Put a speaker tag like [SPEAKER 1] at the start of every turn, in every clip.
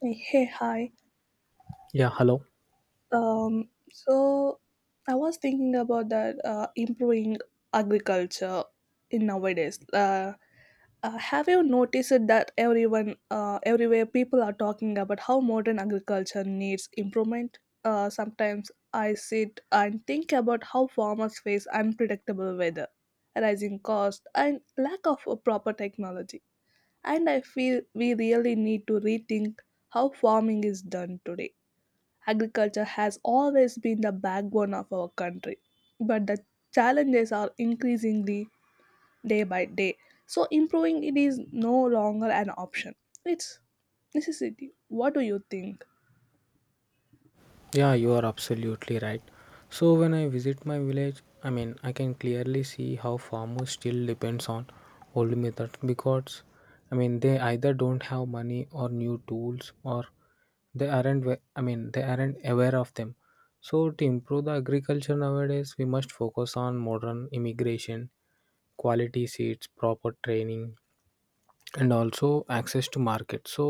[SPEAKER 1] Hey, hey, hi.
[SPEAKER 2] Yeah, hello.
[SPEAKER 1] So I was thinking about that improving agriculture in nowadays. Have you noticed that everyone, everywhere, people are talking about how modern agriculture needs improvement? Sometimes I sit and think about how farmers face unpredictable weather, rising cost, and lack of a proper technology. And I feel we really need to rethink how farming is done today. Agriculture has always been the backbone of our country, but the challenges are increasingly day by day. So improving it is no longer an option. It's necessity. What do you think?
[SPEAKER 2] Yeah, you are absolutely right. So when I visit my village, I mean, I can clearly see how farmers still depends on old method because I mean, they either don't have money or new tools or they aren't wa- I mean, they aren't aware of them. So to improve the agriculture nowadays, we must focus on modern immigration, quality seeds, proper training and also access to market, so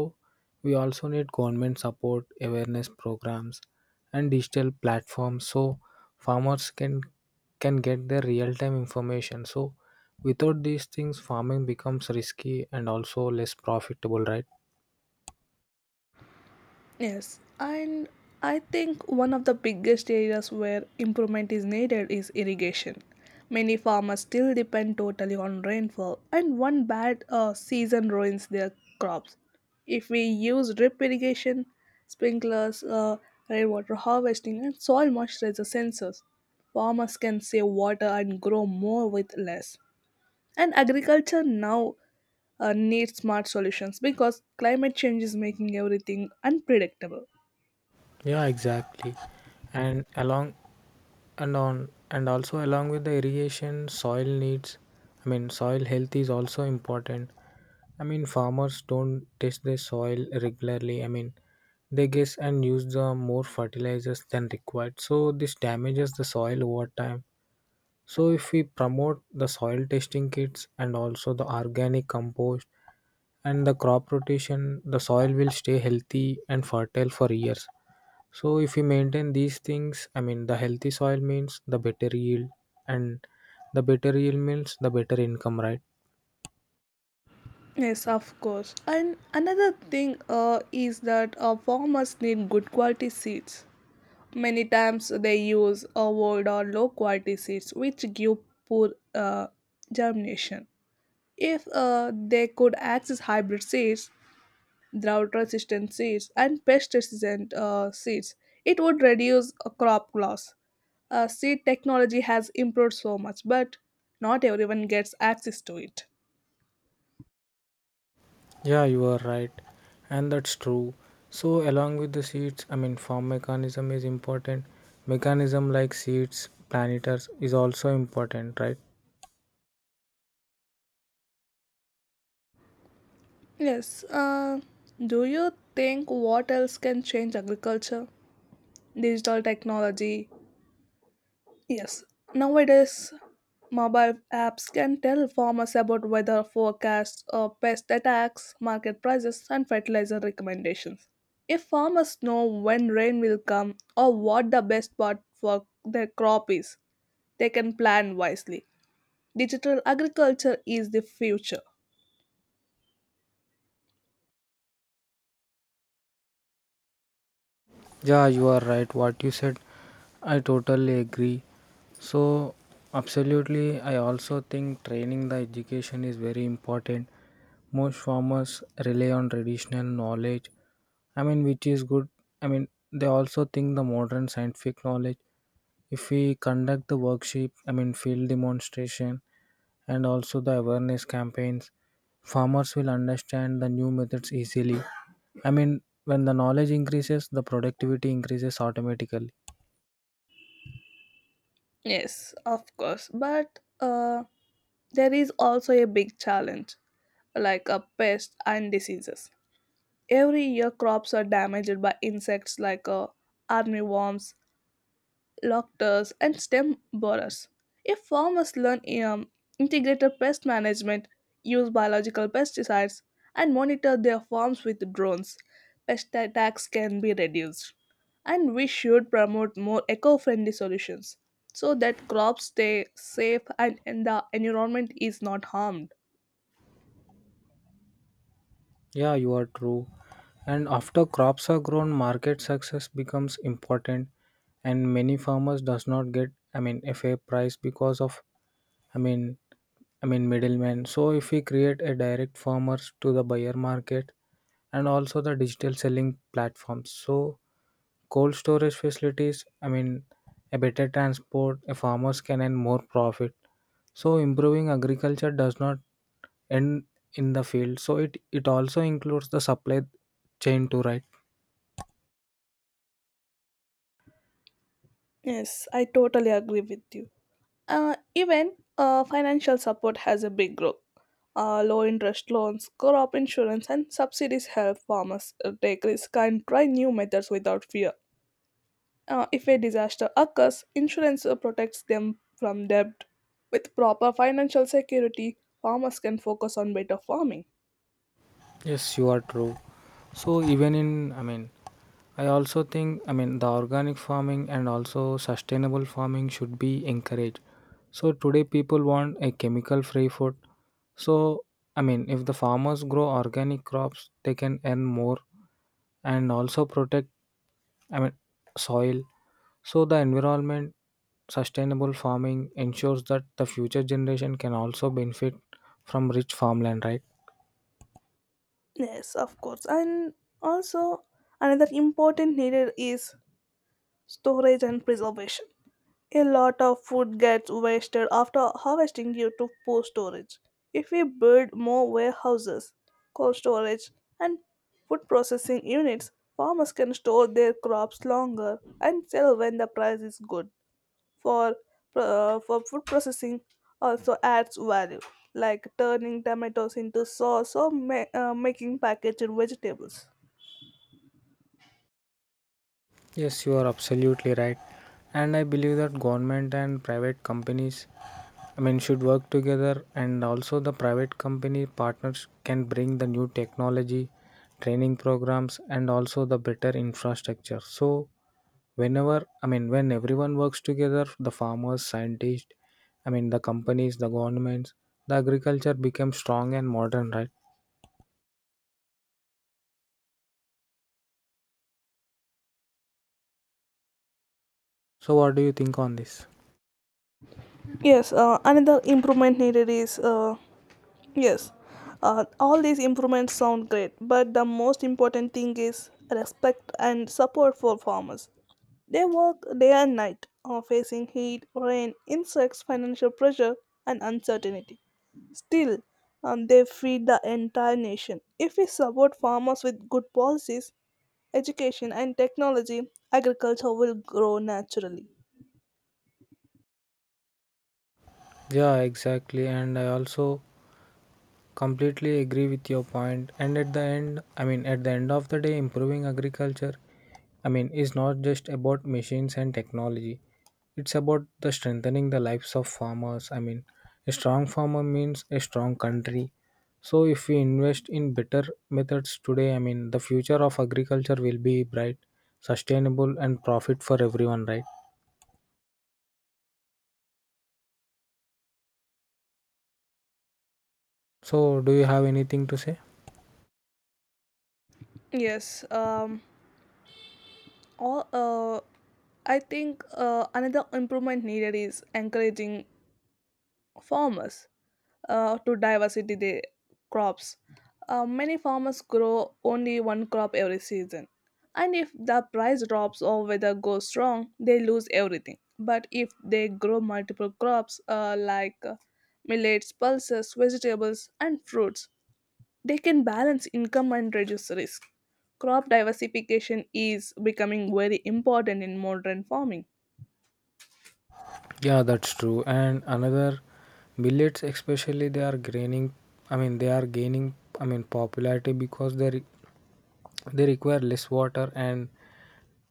[SPEAKER 2] we also need government support awareness programs and digital platforms so farmers can get their real time information, so without these things farming becomes risky and also less profitable, right?
[SPEAKER 1] Yes, and I think one of the biggest areas where improvement is needed is irrigation. Many farmers still depend totally on rainfall, and one bad season ruins their crops. If we use drip irrigation, sprinklers, rainwater harvesting, and soil moisturizer sensors, farmers can save water and grow more with less. And agriculture now needs smart solutions because climate change is making everything unpredictable.
[SPEAKER 2] Yeah, exactly. and along and also along with the irrigation, soil needs, I mean soil health is also important. I mean farmers don't test their soil regularly, I mean they guess and use the more fertilizers than required, so this damages the soil over time. So if we promote the soil testing kits and also the organic compost and the crop rotation, the soil will stay healthy and fertile for years. So if we maintain these things, I mean the healthy soil means the better yield and the better yield means the better income, right?
[SPEAKER 1] Yes, of course. And another thing is that farmers need good quality seeds. Many times they use old or low quality seeds, which give poor germination. If they could access hybrid seeds, drought resistant seeds, and pest resistant seeds, it would reduce crop loss. Seed technology has improved so much, but not everyone gets access to it.
[SPEAKER 2] Yeah, you are right. And that's true. So along with the seeds, I mean farm mechanism is important. Mechanism like seeds, planters is also important, right?
[SPEAKER 1] Yes. Do you think what else can change agriculture? Digital technology. Yes. Nowadays, mobile apps can tell farmers about weather forecasts, pest attacks, market prices, and fertilizer recommendations. If farmers know when rain will come or what the best spot for their crop is, they can plan wisely. Digital agriculture is the future.
[SPEAKER 2] Yeah, you are right. What you said, I totally agree. So, absolutely, I also think training the education is very important. Most farmers rely on traditional knowledge, I mean, which is good. I mean, they also think the modern scientific knowledge. If we conduct the workshop, I mean, field demonstration, and also the awareness campaigns, farmers will understand the new methods easily. I mean when the knowledge increases, the productivity increases automatically.
[SPEAKER 1] Yes, of course. But there is also a big challenge like a pest and diseases. Every year crops are damaged by insects like armyworms, locusts, and stem borers. If farmers learn integrated pest management, use biological pesticides and monitor their farms with drones, pest attacks can be reduced. And we should promote more eco-friendly solutions so that crops stay safe and the environment is not harmed.
[SPEAKER 2] Yeah, you are true. And after crops are grown, market success becomes important, and many farmers does not get, I mean a fair price because of, i mean I mean middlemen. So if we create a direct farmers to the buyer market and also the digital selling platforms, so cold storage facilities, I mean, a better transport, a farmers can earn more profit. So improving agriculture does not end in the field. So it also includes the supply chain too, right?
[SPEAKER 1] Yes, I totally agree with you. Even financial support has a big role. Low interest loans, crop insurance, and subsidies help farmers take risk and try new methods without fear. If a disaster occurs, insurance protects them from debt. With proper financial security, farmers can focus on better farming.
[SPEAKER 2] Yes, you are true. So even in, I mean, I also think, I mean, the organic farming and also sustainable farming should be encouraged. So today people want a chemical free food. So, I mean, if the farmers grow organic crops, they can earn more and also protect, I mean soil. So the environment sustainable farming ensures that the future generation can also benefit from rich farmland, right?
[SPEAKER 1] Yes, of course. And also, another important need is storage and preservation. A lot of food gets wasted after harvesting due to poor storage. If we build more warehouses, cold storage, and food processing units, farmers can store their crops longer and sell when the price is good. For, for food processing also adds value, like turning tomatoes into sauce or making packaged vegetables.
[SPEAKER 2] Yes, you are absolutely right. And I believe that government and private companies, I mean should work together, and also the private company partners can bring the new technology, training programs and also the better infrastructure. So whenever, I mean when everyone works together, the farmers, scientists, I mean the companies, the governments, the agriculture becomes strong and modern, right? So what do you think on this?
[SPEAKER 1] Yes, another improvement needed is Yes, all these improvements sound great, but the most important thing is respect and support for farmers. They work day and night, facing heat, rain, insects, financial pressure, and uncertainty. Still, they feed the entire nation. If we support farmers with good policies, education, and technology, agriculture will grow naturally.
[SPEAKER 2] Yeah, exactly. And I also completely agree with your point. And at the end, I mean at the end of the day, improving agriculture, I mean, it's not just about machines and technology. It's about the strengthening the lives of farmers. I mean, a strong farmer means a strong country. So if we invest in better methods today, I mean, the future of agriculture will be bright, sustainable and profit for everyone, right? So do you have anything to say?
[SPEAKER 1] Yes, all, uh, I think another improvement needed is encouraging farmers to diversity the crops. Many farmers grow only one crop every season, and if the price drops or weather goes wrong, they lose everything. But if they grow multiple crops like millets, pulses, vegetables, and fruits, they can balance income and reduce risk. Crop diversification is becoming very important in modern farming.
[SPEAKER 2] Yeah, that's true. And another, millets especially they are gaining, I mean popularity because they require less water and,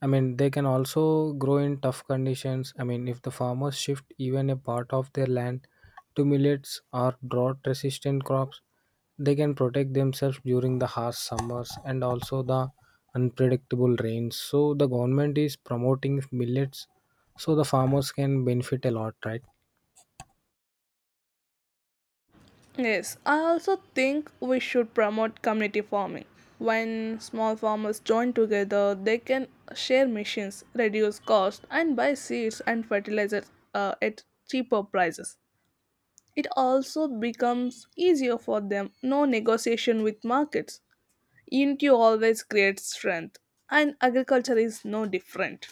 [SPEAKER 2] I mean, they can also grow in tough conditions. I mean, if the farmers shift even a part of their land to millets or drought resistant crops, they can protect themselves during the harsh summers and also the unpredictable rains. So, the government is promoting millets so the farmers can benefit a lot, right?
[SPEAKER 1] Yes, I also think we should promote community farming. When small farmers join together, they can share machines, reduce cost, and buy seeds and fertilizers at cheaper prices. It also becomes easier for them, no negotiation with markets. Unity always creates strength, and agriculture is no different.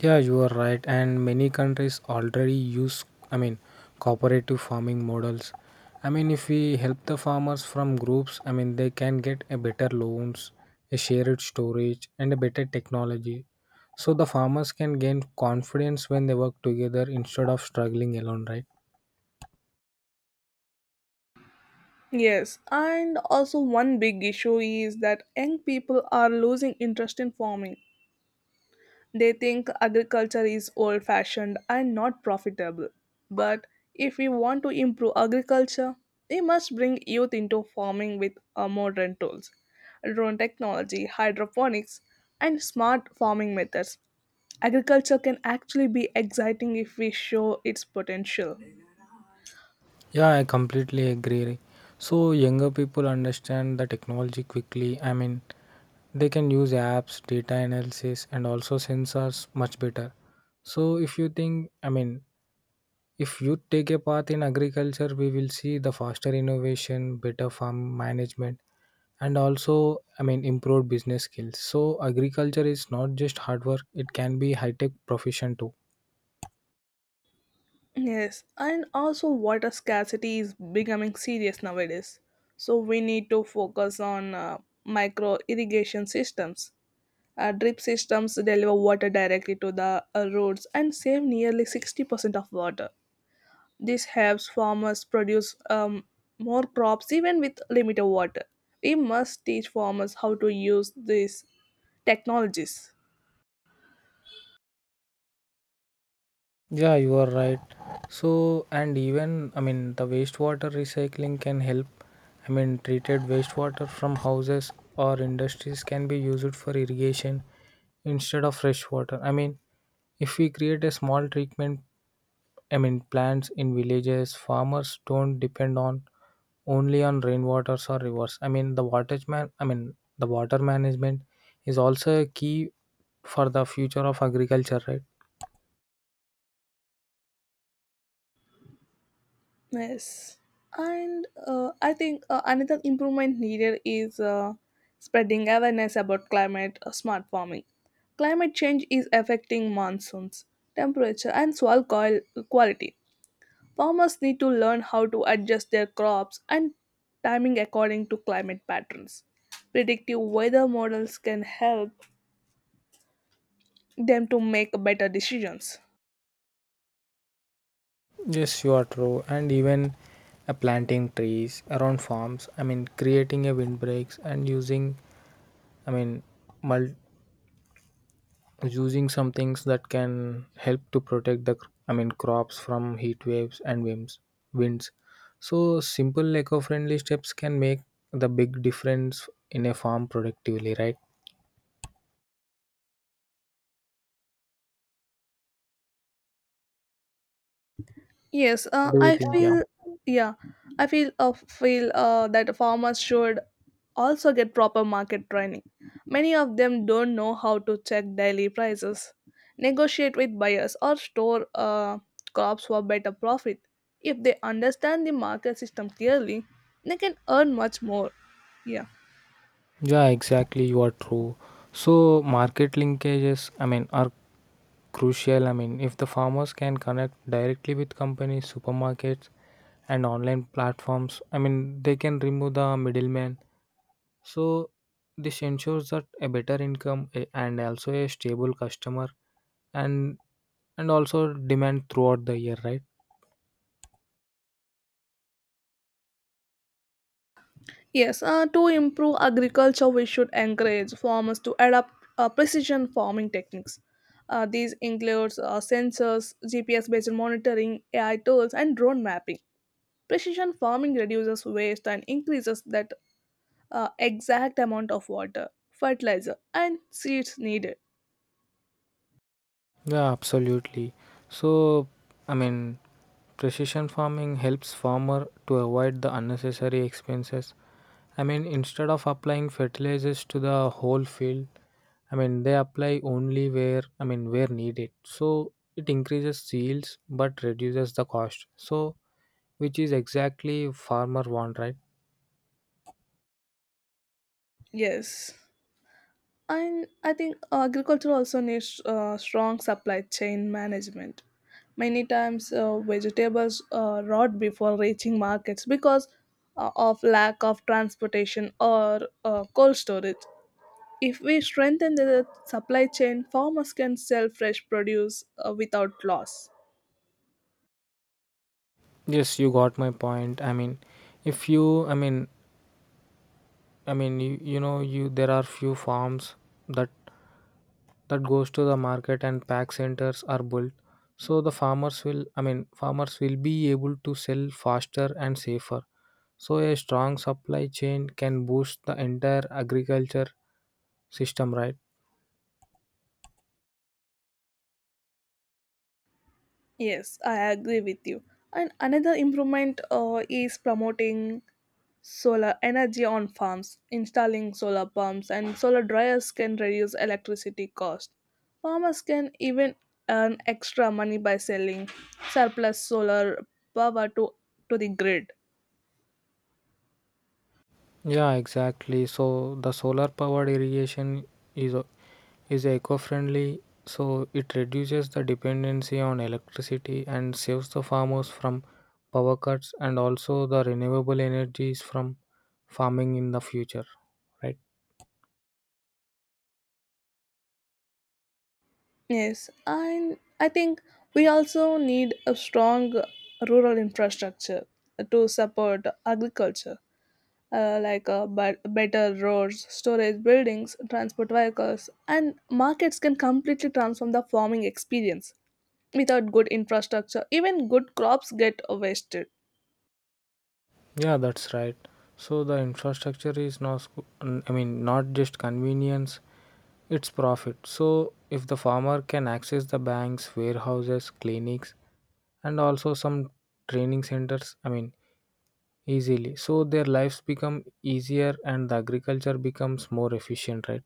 [SPEAKER 2] Yeah, you are right. And many countries already use, I mean, cooperative farming models. I mean, if we help the farmers from groups, I mean, they can get a better loans, a shared storage, and a better technology. So the farmers can gain confidence when they work together instead of struggling alone, right?
[SPEAKER 1] Yes, and also one big issue is that young people are losing interest in farming. They think agriculture is old fashioned and not profitable. But if we want to improve agriculture, we must bring youth into farming with modern tools, drone technology, hydroponics, and smart farming methods. Agriculture can actually be exciting if we show its potential.
[SPEAKER 2] Yeah, I completely agree. So younger people understand the technology quickly. I mean, they can use apps, data analysis, and also sensors much better. So if you think, I mean, if you take a path in agriculture, we will see the faster innovation, better farm management, and also, I mean, improved business skills. So agriculture is not just hard work; it can be high tech profession too.
[SPEAKER 1] Yes, and also water scarcity is becoming serious nowadays. So we need to focus on micro irrigation systems. Drip systems deliver water directly to the roads and save nearly 60% of water. This helps farmers produce more crops even with limited water. We must teach farmers how to use these technologies.
[SPEAKER 2] Yeah, you are right. So, and even, I mean, the wastewater recycling can help. I mean, treated wastewater from houses or industries can be used for irrigation instead of fresh water. I mean, if we create a small treatment, I mean, plants in villages, farmers don't depend on only on rainwaters or rivers. I mean, the I mean, the water management is also a key for the future of agriculture, right?
[SPEAKER 1] Yes. And I think another improvement needed is spreading awareness about climate smart farming. Climate change is affecting monsoons, temperature, and quality. Farmers need to learn how to adjust their crops and timing according to climate patterns. Predictive weather models can help them to make better decisions.
[SPEAKER 2] Yes, you are true. And even planting trees around farms, I mean, creating a windbreaks and using, I mean, mul- using some things that can help to protect the, I mean, crops from heat waves and winds. Winds. So simple eco-friendly steps can make the big difference in a farm productively, right?
[SPEAKER 1] Yes,
[SPEAKER 2] What do you
[SPEAKER 1] I
[SPEAKER 2] think? Yeah.
[SPEAKER 1] feel yeah, I feel feel that farmers should also get proper market training. Many of them don't know how to check daily prices, negotiate with buyers, or store crops for better profit. If they understand the market system clearly, they can earn much more. Yeah.
[SPEAKER 2] Yeah, exactly. You are true. So market linkages, I mean, are crucial. I mean, if the farmers can connect directly with companies, supermarkets, and online platforms, I mean, they can remove the middleman. So, this ensures that a better income and also a stable customer and and also demand throughout the year, right?
[SPEAKER 1] Yes, to improve agriculture, we should encourage farmers to adopt precision farming techniques. These includes sensors, GPS-based monitoring, AI tools, and drone mapping. Precision farming reduces waste and increases that exact amount of water, fertilizer, and seeds needed.
[SPEAKER 2] Yeah, absolutely. So, I mean, precision farming helps farmer to avoid the unnecessary expenses. I mean, instead of applying fertilizers to the whole field, I mean, they apply only where, I mean where needed. So it increases yields but reduces the cost. So which is exactly farmer want, right?
[SPEAKER 1] Yes. And I think agriculture also needs strong supply chain management. Many times, vegetables rot before reaching markets because of lack of transportation or cold storage. If we strengthen the supply chain, farmers can sell fresh produce without loss.
[SPEAKER 2] Yes, you got my point. I mean, if you I mean you, you know you there are few farms that that goes to the market and pack centers are built. So the farmers will, I mean farmers will be able to sell faster and safer. So a strong supply chain can boost the entire agriculture system, right?
[SPEAKER 1] Yes, I agree with you. And another improvement is promoting solar energy on farms, installing solar pumps and solar dryers can reduce electricity cost. Farmers can even earn extra money by selling surplus solar power to the grid.
[SPEAKER 2] Yeah, exactly. So the solar powered irrigation is o- is eco-friendly, so it reduces the dependency on electricity and saves the farmers from power cuts and also the renewable energies from farming in the future, right?
[SPEAKER 1] Yes, and I think we also need a strong rural infrastructure to support agriculture, like but better roads, storage buildings, transport vehicles, and markets can completely transform the farming experience. Without good infrastructure even good crops get wasted.
[SPEAKER 2] Yeah, that's right. So the infrastructure is not, I mean, not just convenience, it's profit. So if the farmer can access the banks, warehouses, clinics, and also some training centers, I mean easily, so their lives become easier and the agriculture becomes more efficient, right?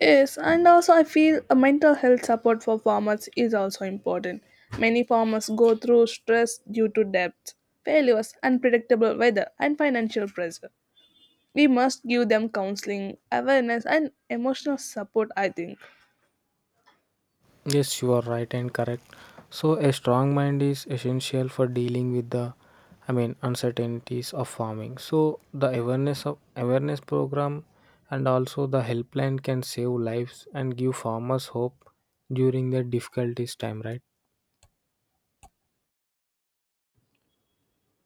[SPEAKER 1] Yes, and also I feel a mental health support for farmers is also important. Many farmers go through stress due to debts, failures, unpredictable weather, and financial pressure. We must give them counseling, awareness, and emotional support, I think.
[SPEAKER 2] Yes, you are right and correct. So a strong mind is essential for dealing with the, I mean uncertainties of farming. So the awareness of awareness program and also the helpline can save lives and give farmers hope during their difficulties time, right?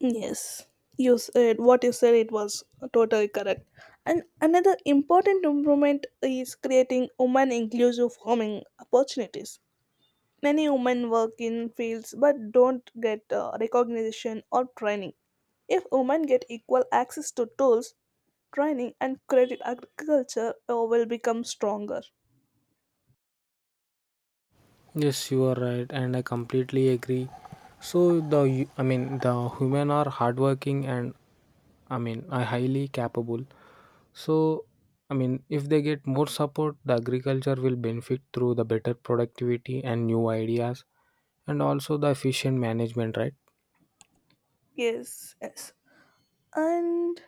[SPEAKER 1] Yes, you said what you said. It was totally correct. And another important improvement is creating women inclusive farming opportunities. Many women work in fields but don't get recognition or training. If women get equal access to tools, training, and credit, agriculture will become stronger.
[SPEAKER 2] Yes, you are right, and I completely agree. So the I mean the human are hardworking and, I mean are highly capable. So I mean if they get more support, the agriculture will benefit through the better productivity and new ideas, and also the efficient management, right?
[SPEAKER 1] Yes. And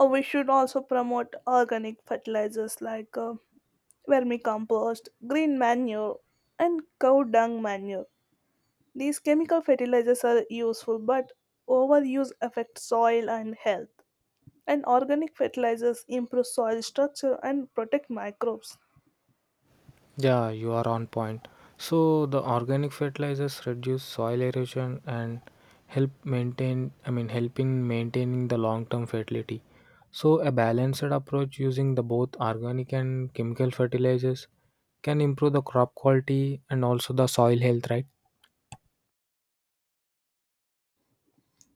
[SPEAKER 1] we should also promote organic fertilizers like vermicompost, green manure, and cow dung manure. These chemical fertilizers are useful, but overuse affects soil and health. And organic fertilizers improve soil structure and protect microbes.
[SPEAKER 2] Yeah, you are on point. So the organic fertilizers reduce soil erosion and help maintain, I mean help in maintaining the long-term fertility. So a balanced approach using the both organic and chemical fertilizers can improve the crop quality and also the soil health, right?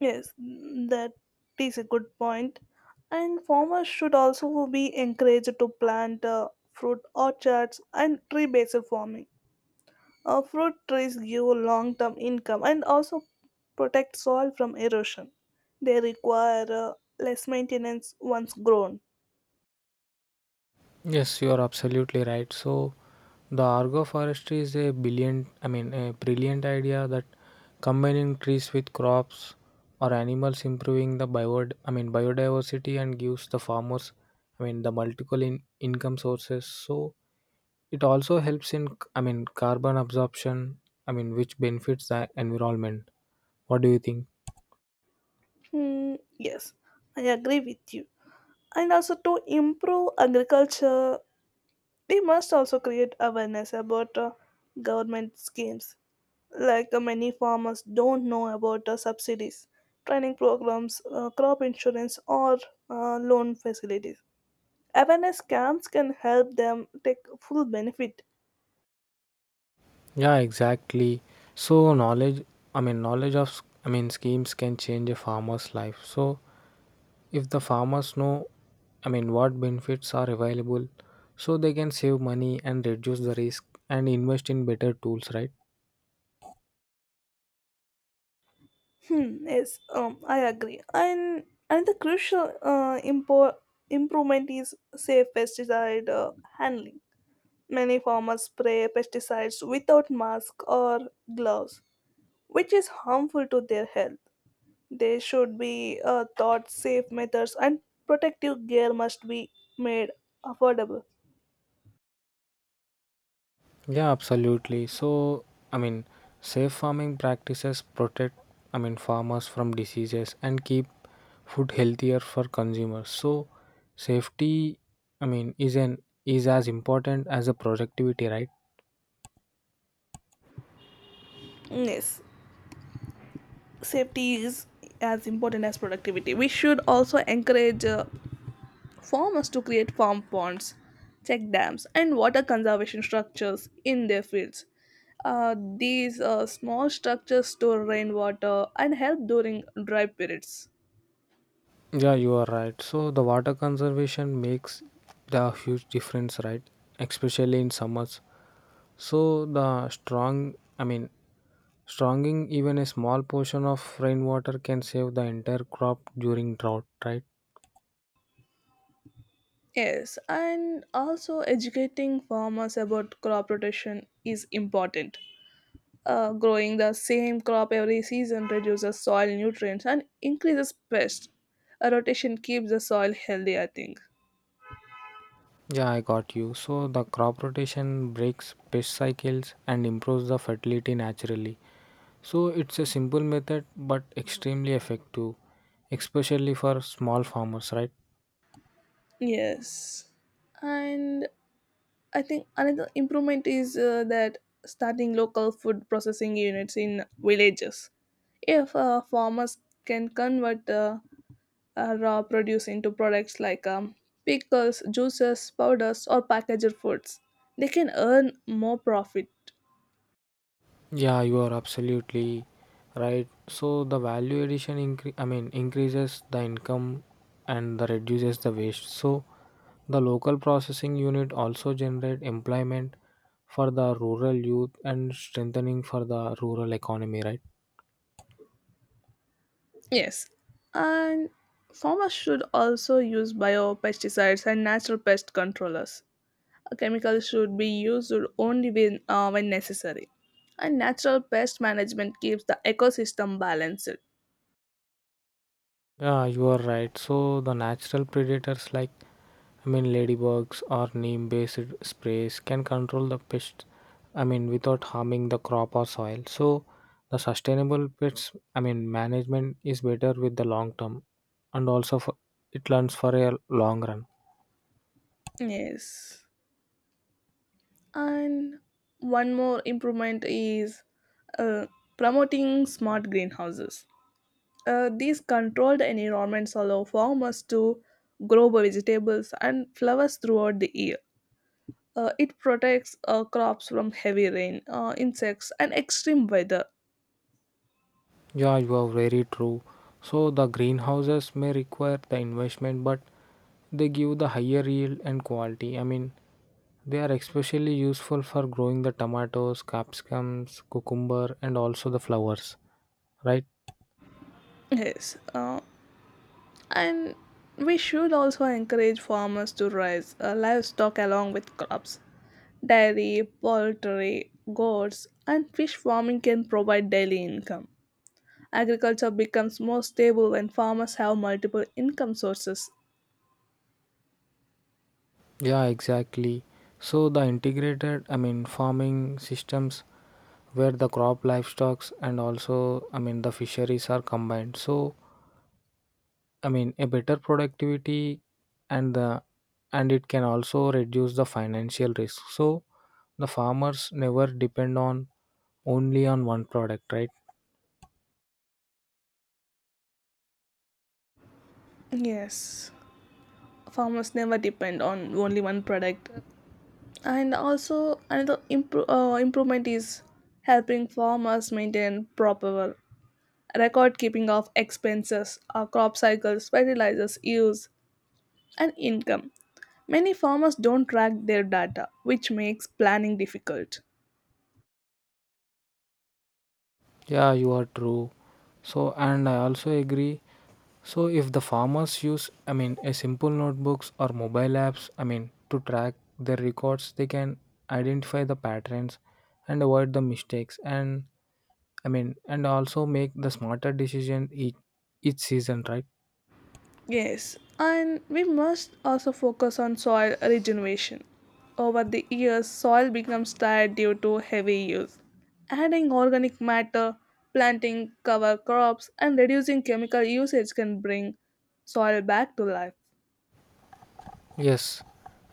[SPEAKER 1] Yes, that is a good point. And farmers should also be encouraged to plant fruit orchards and tree based farming. Fruit trees give long term income and also protect soil from erosion. They require less maintenance once grown.
[SPEAKER 2] Yes, you are absolutely right. So, the agroforestry is a brilliant, I mean, a brilliant idea that combining trees with crops or animals improving the bio, I mean, biodiversity and gives the farmers, I mean, the multiple in, income sources. So, it also helps in, I mean, carbon absorption, I mean, which benefits the environment. What do you think?
[SPEAKER 1] Hmm, yes, I agree with you. And also to improve agriculture we must also create awareness about government schemes, like many farmers don't know about subsidies, training programs, crop insurance, or loan facilities. Awareness camps can help them take full benefit.
[SPEAKER 2] Yeah, exactly. So, knowledge, I mean, knowledge of, I mean, schemes can change a farmer's life. So, if the farmers know, I mean, what benefits are available, so they can save money and reduce the risk and invest in better tools, right?
[SPEAKER 1] Hmm, yes, I agree. And the crucial improvement is safe pesticide handling. Many farmers spray pesticides without mask or gloves which is harmful to their health. They should be taught safe methods and protective gear must be made affordable.
[SPEAKER 2] Yeah, absolutely. So, I mean, safe farming practices protect, I mean, farmers from diseases and keep food healthier for consumers. So, safety, I mean, is as important as the productivity, right?
[SPEAKER 1] Yes, safety is as important as productivity. We should also encourage farmers to create farm ponds, check dams, and water conservation structures in their fields. These small structures store rainwater and help during dry periods.
[SPEAKER 2] Yeah, you are right. So the water conservation makes the huge difference, right? Especially in summers. So the strong, I mean, stronging even a small portion of rainwater can save the entire crop during drought, right?
[SPEAKER 1] Yes, and also educating farmers about crop rotation is important. Growing the same crop every season reduces soil nutrients and increases pests. A rotation keeps the soil healthy, I think.
[SPEAKER 2] Yeah, I got you. So the crop rotation breaks pest cycles and improves the fertility naturally. So it's a simple method but extremely effective, especially for small farmers, right?
[SPEAKER 1] Yes. And I think another improvement is that starting local food processing units in villages. If farmers can convert raw produce into products like pickles, juices, powders, or packaged foods, they can earn more profit.
[SPEAKER 2] Yeah, you are absolutely right. So the value addition I mean increases the income and the reduces the waste. So the local processing unit also generate employment for the rural youth and strengthening for the rural economy, right?
[SPEAKER 1] Yes, and farmers should also use biopesticides and natural pest controllers. Chemicals should be used only when necessary. And natural pest management keeps the ecosystem balanced.
[SPEAKER 2] Yeah, you are right. So the natural predators like, I mean ladybugs or neem based sprays can control the pests, I mean without harming the crop or soil. So the sustainable pests, I mean management is better with the long term and also for, it learns for a long run.
[SPEAKER 1] Yes. And one more improvement is uh, promoting smart greenhouses. These controlled environments allow farmers to grow vegetables and flowers throughout the year. It protects crops from heavy rain, insects, and extreme weather.
[SPEAKER 2] Yeah, you are very true. So the greenhouses may require the investment, but they give the higher yield and quality. I mean, they are especially useful for growing the tomatoes, capsicums, cucumber, and also the flowers, right?
[SPEAKER 1] Yes, and we should also encourage farmers to raise livestock along with crops. Dairy, poultry, goats, and fish farming can provide daily income. Agriculture becomes more stable when farmers have multiple income sources.
[SPEAKER 2] Yeah, exactly. So the integrated, I mean, farming systems where the crop, livestock, and also, I mean, the fisheries are combined. So I mean, a better productivity and the and it can also reduce the financial risk. So the farmers never depend on only on one product, right?
[SPEAKER 1] Yes. Farmers never depend on only one product, and also another improvement is helping farmers maintain proper record keeping of expenses, crop cycles, fertilizers use, and income. Many farmers don't track their data which makes planning difficult.
[SPEAKER 2] Yeah, you are true. So and I also agree. So if the farmers use, I mean, a simple notebooks or mobile apps, I mean, to track their records, they can identify the patterns and avoid the mistakes and, I mean, and also make the smarter decision each season, right?
[SPEAKER 1] Yes, and we must also focus on soil regeneration. Over the years, soil becomes tired due to heavy use. Adding organic matter, planting cover crops, and reducing chemical usage can bring soil back to life.
[SPEAKER 2] Yes,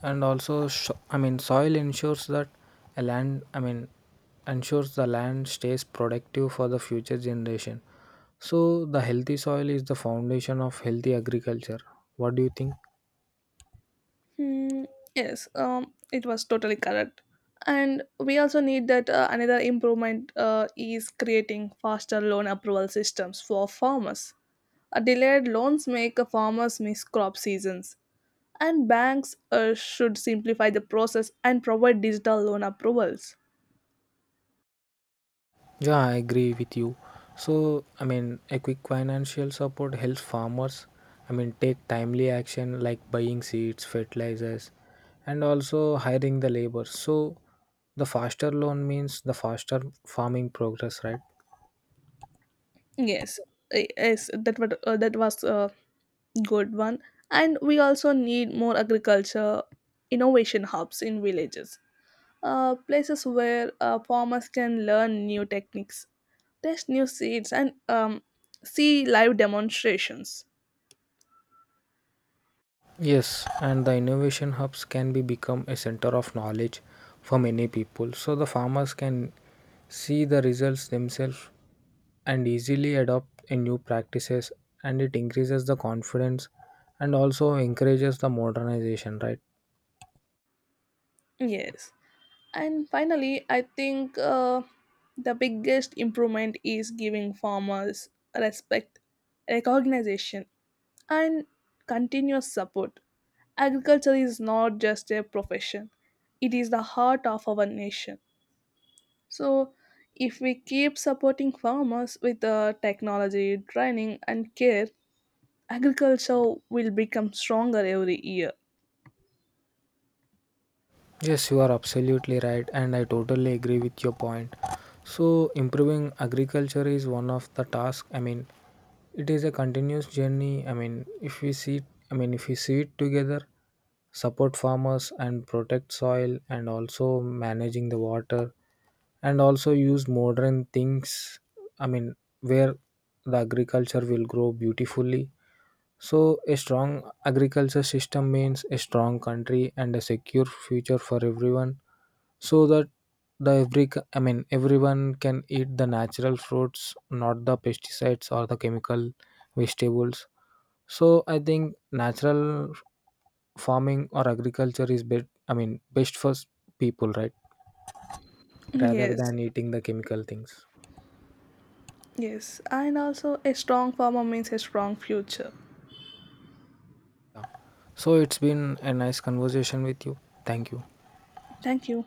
[SPEAKER 2] and also sho I mean soil ensures that a land I mean ensures the land stays productive for the future generation. So the healthy soil is the foundation of healthy agriculture. What do you think?
[SPEAKER 1] Hmm, yes, it was totally correct. And we also need that another improvement is creating faster loan approval systems for farmers. Delayed loans make farmers miss crop seasons and banks should simplify the process and provide digital loan approvals.
[SPEAKER 2] Yeah, I agree with you. So I mean a quick financial support helps farmers, I mean take timely action like buying seeds, fertilizers and also hiring the labor. So the faster loan means the faster farming progress, right?
[SPEAKER 1] Yes y- yes that what uh, that was a good one. And we also need more agriculture innovation hubs in villages, places where farmers can learn new techniques, test new seeds, and see live demonstrations.
[SPEAKER 2] Yes, and the innovation hubs can be become a center of knowledge for many people. So the farmers can see the results themselves and easily adopt a new practices, and it increases the confidence and also encourages the modernization, right?
[SPEAKER 1] Yes. And finally, I think the biggest improvement is giving farmers respect, recognition, and continuous support. Agriculture is not just a profession, it is the heart of our nation. So, if we keep supporting farmers with technology, training, and care, agriculture will become stronger every year.
[SPEAKER 2] Yes, you are absolutely right and I totally agree with your point. So improving agriculture is one of the tasks, I mean it is a continuous journey, I mean if we see, it together, support farmers and protect soil and also managing the water and also use modern things, I mean, where the agriculture will grow beautifully. So, a strong agriculture system means a strong country and a secure future for everyone, so that the every, I mean everyone can eat the natural fruits, not the pesticides or the chemical vegetables. So, I think natural farming or agriculture is bet I mean best for people, right? Rather
[SPEAKER 1] Yes,
[SPEAKER 2] than eating the chemical things.
[SPEAKER 1] yes, and also a strong farmer means a strong future.
[SPEAKER 2] So, it's been a nice conversation with you. Thank you.
[SPEAKER 1] Thank you.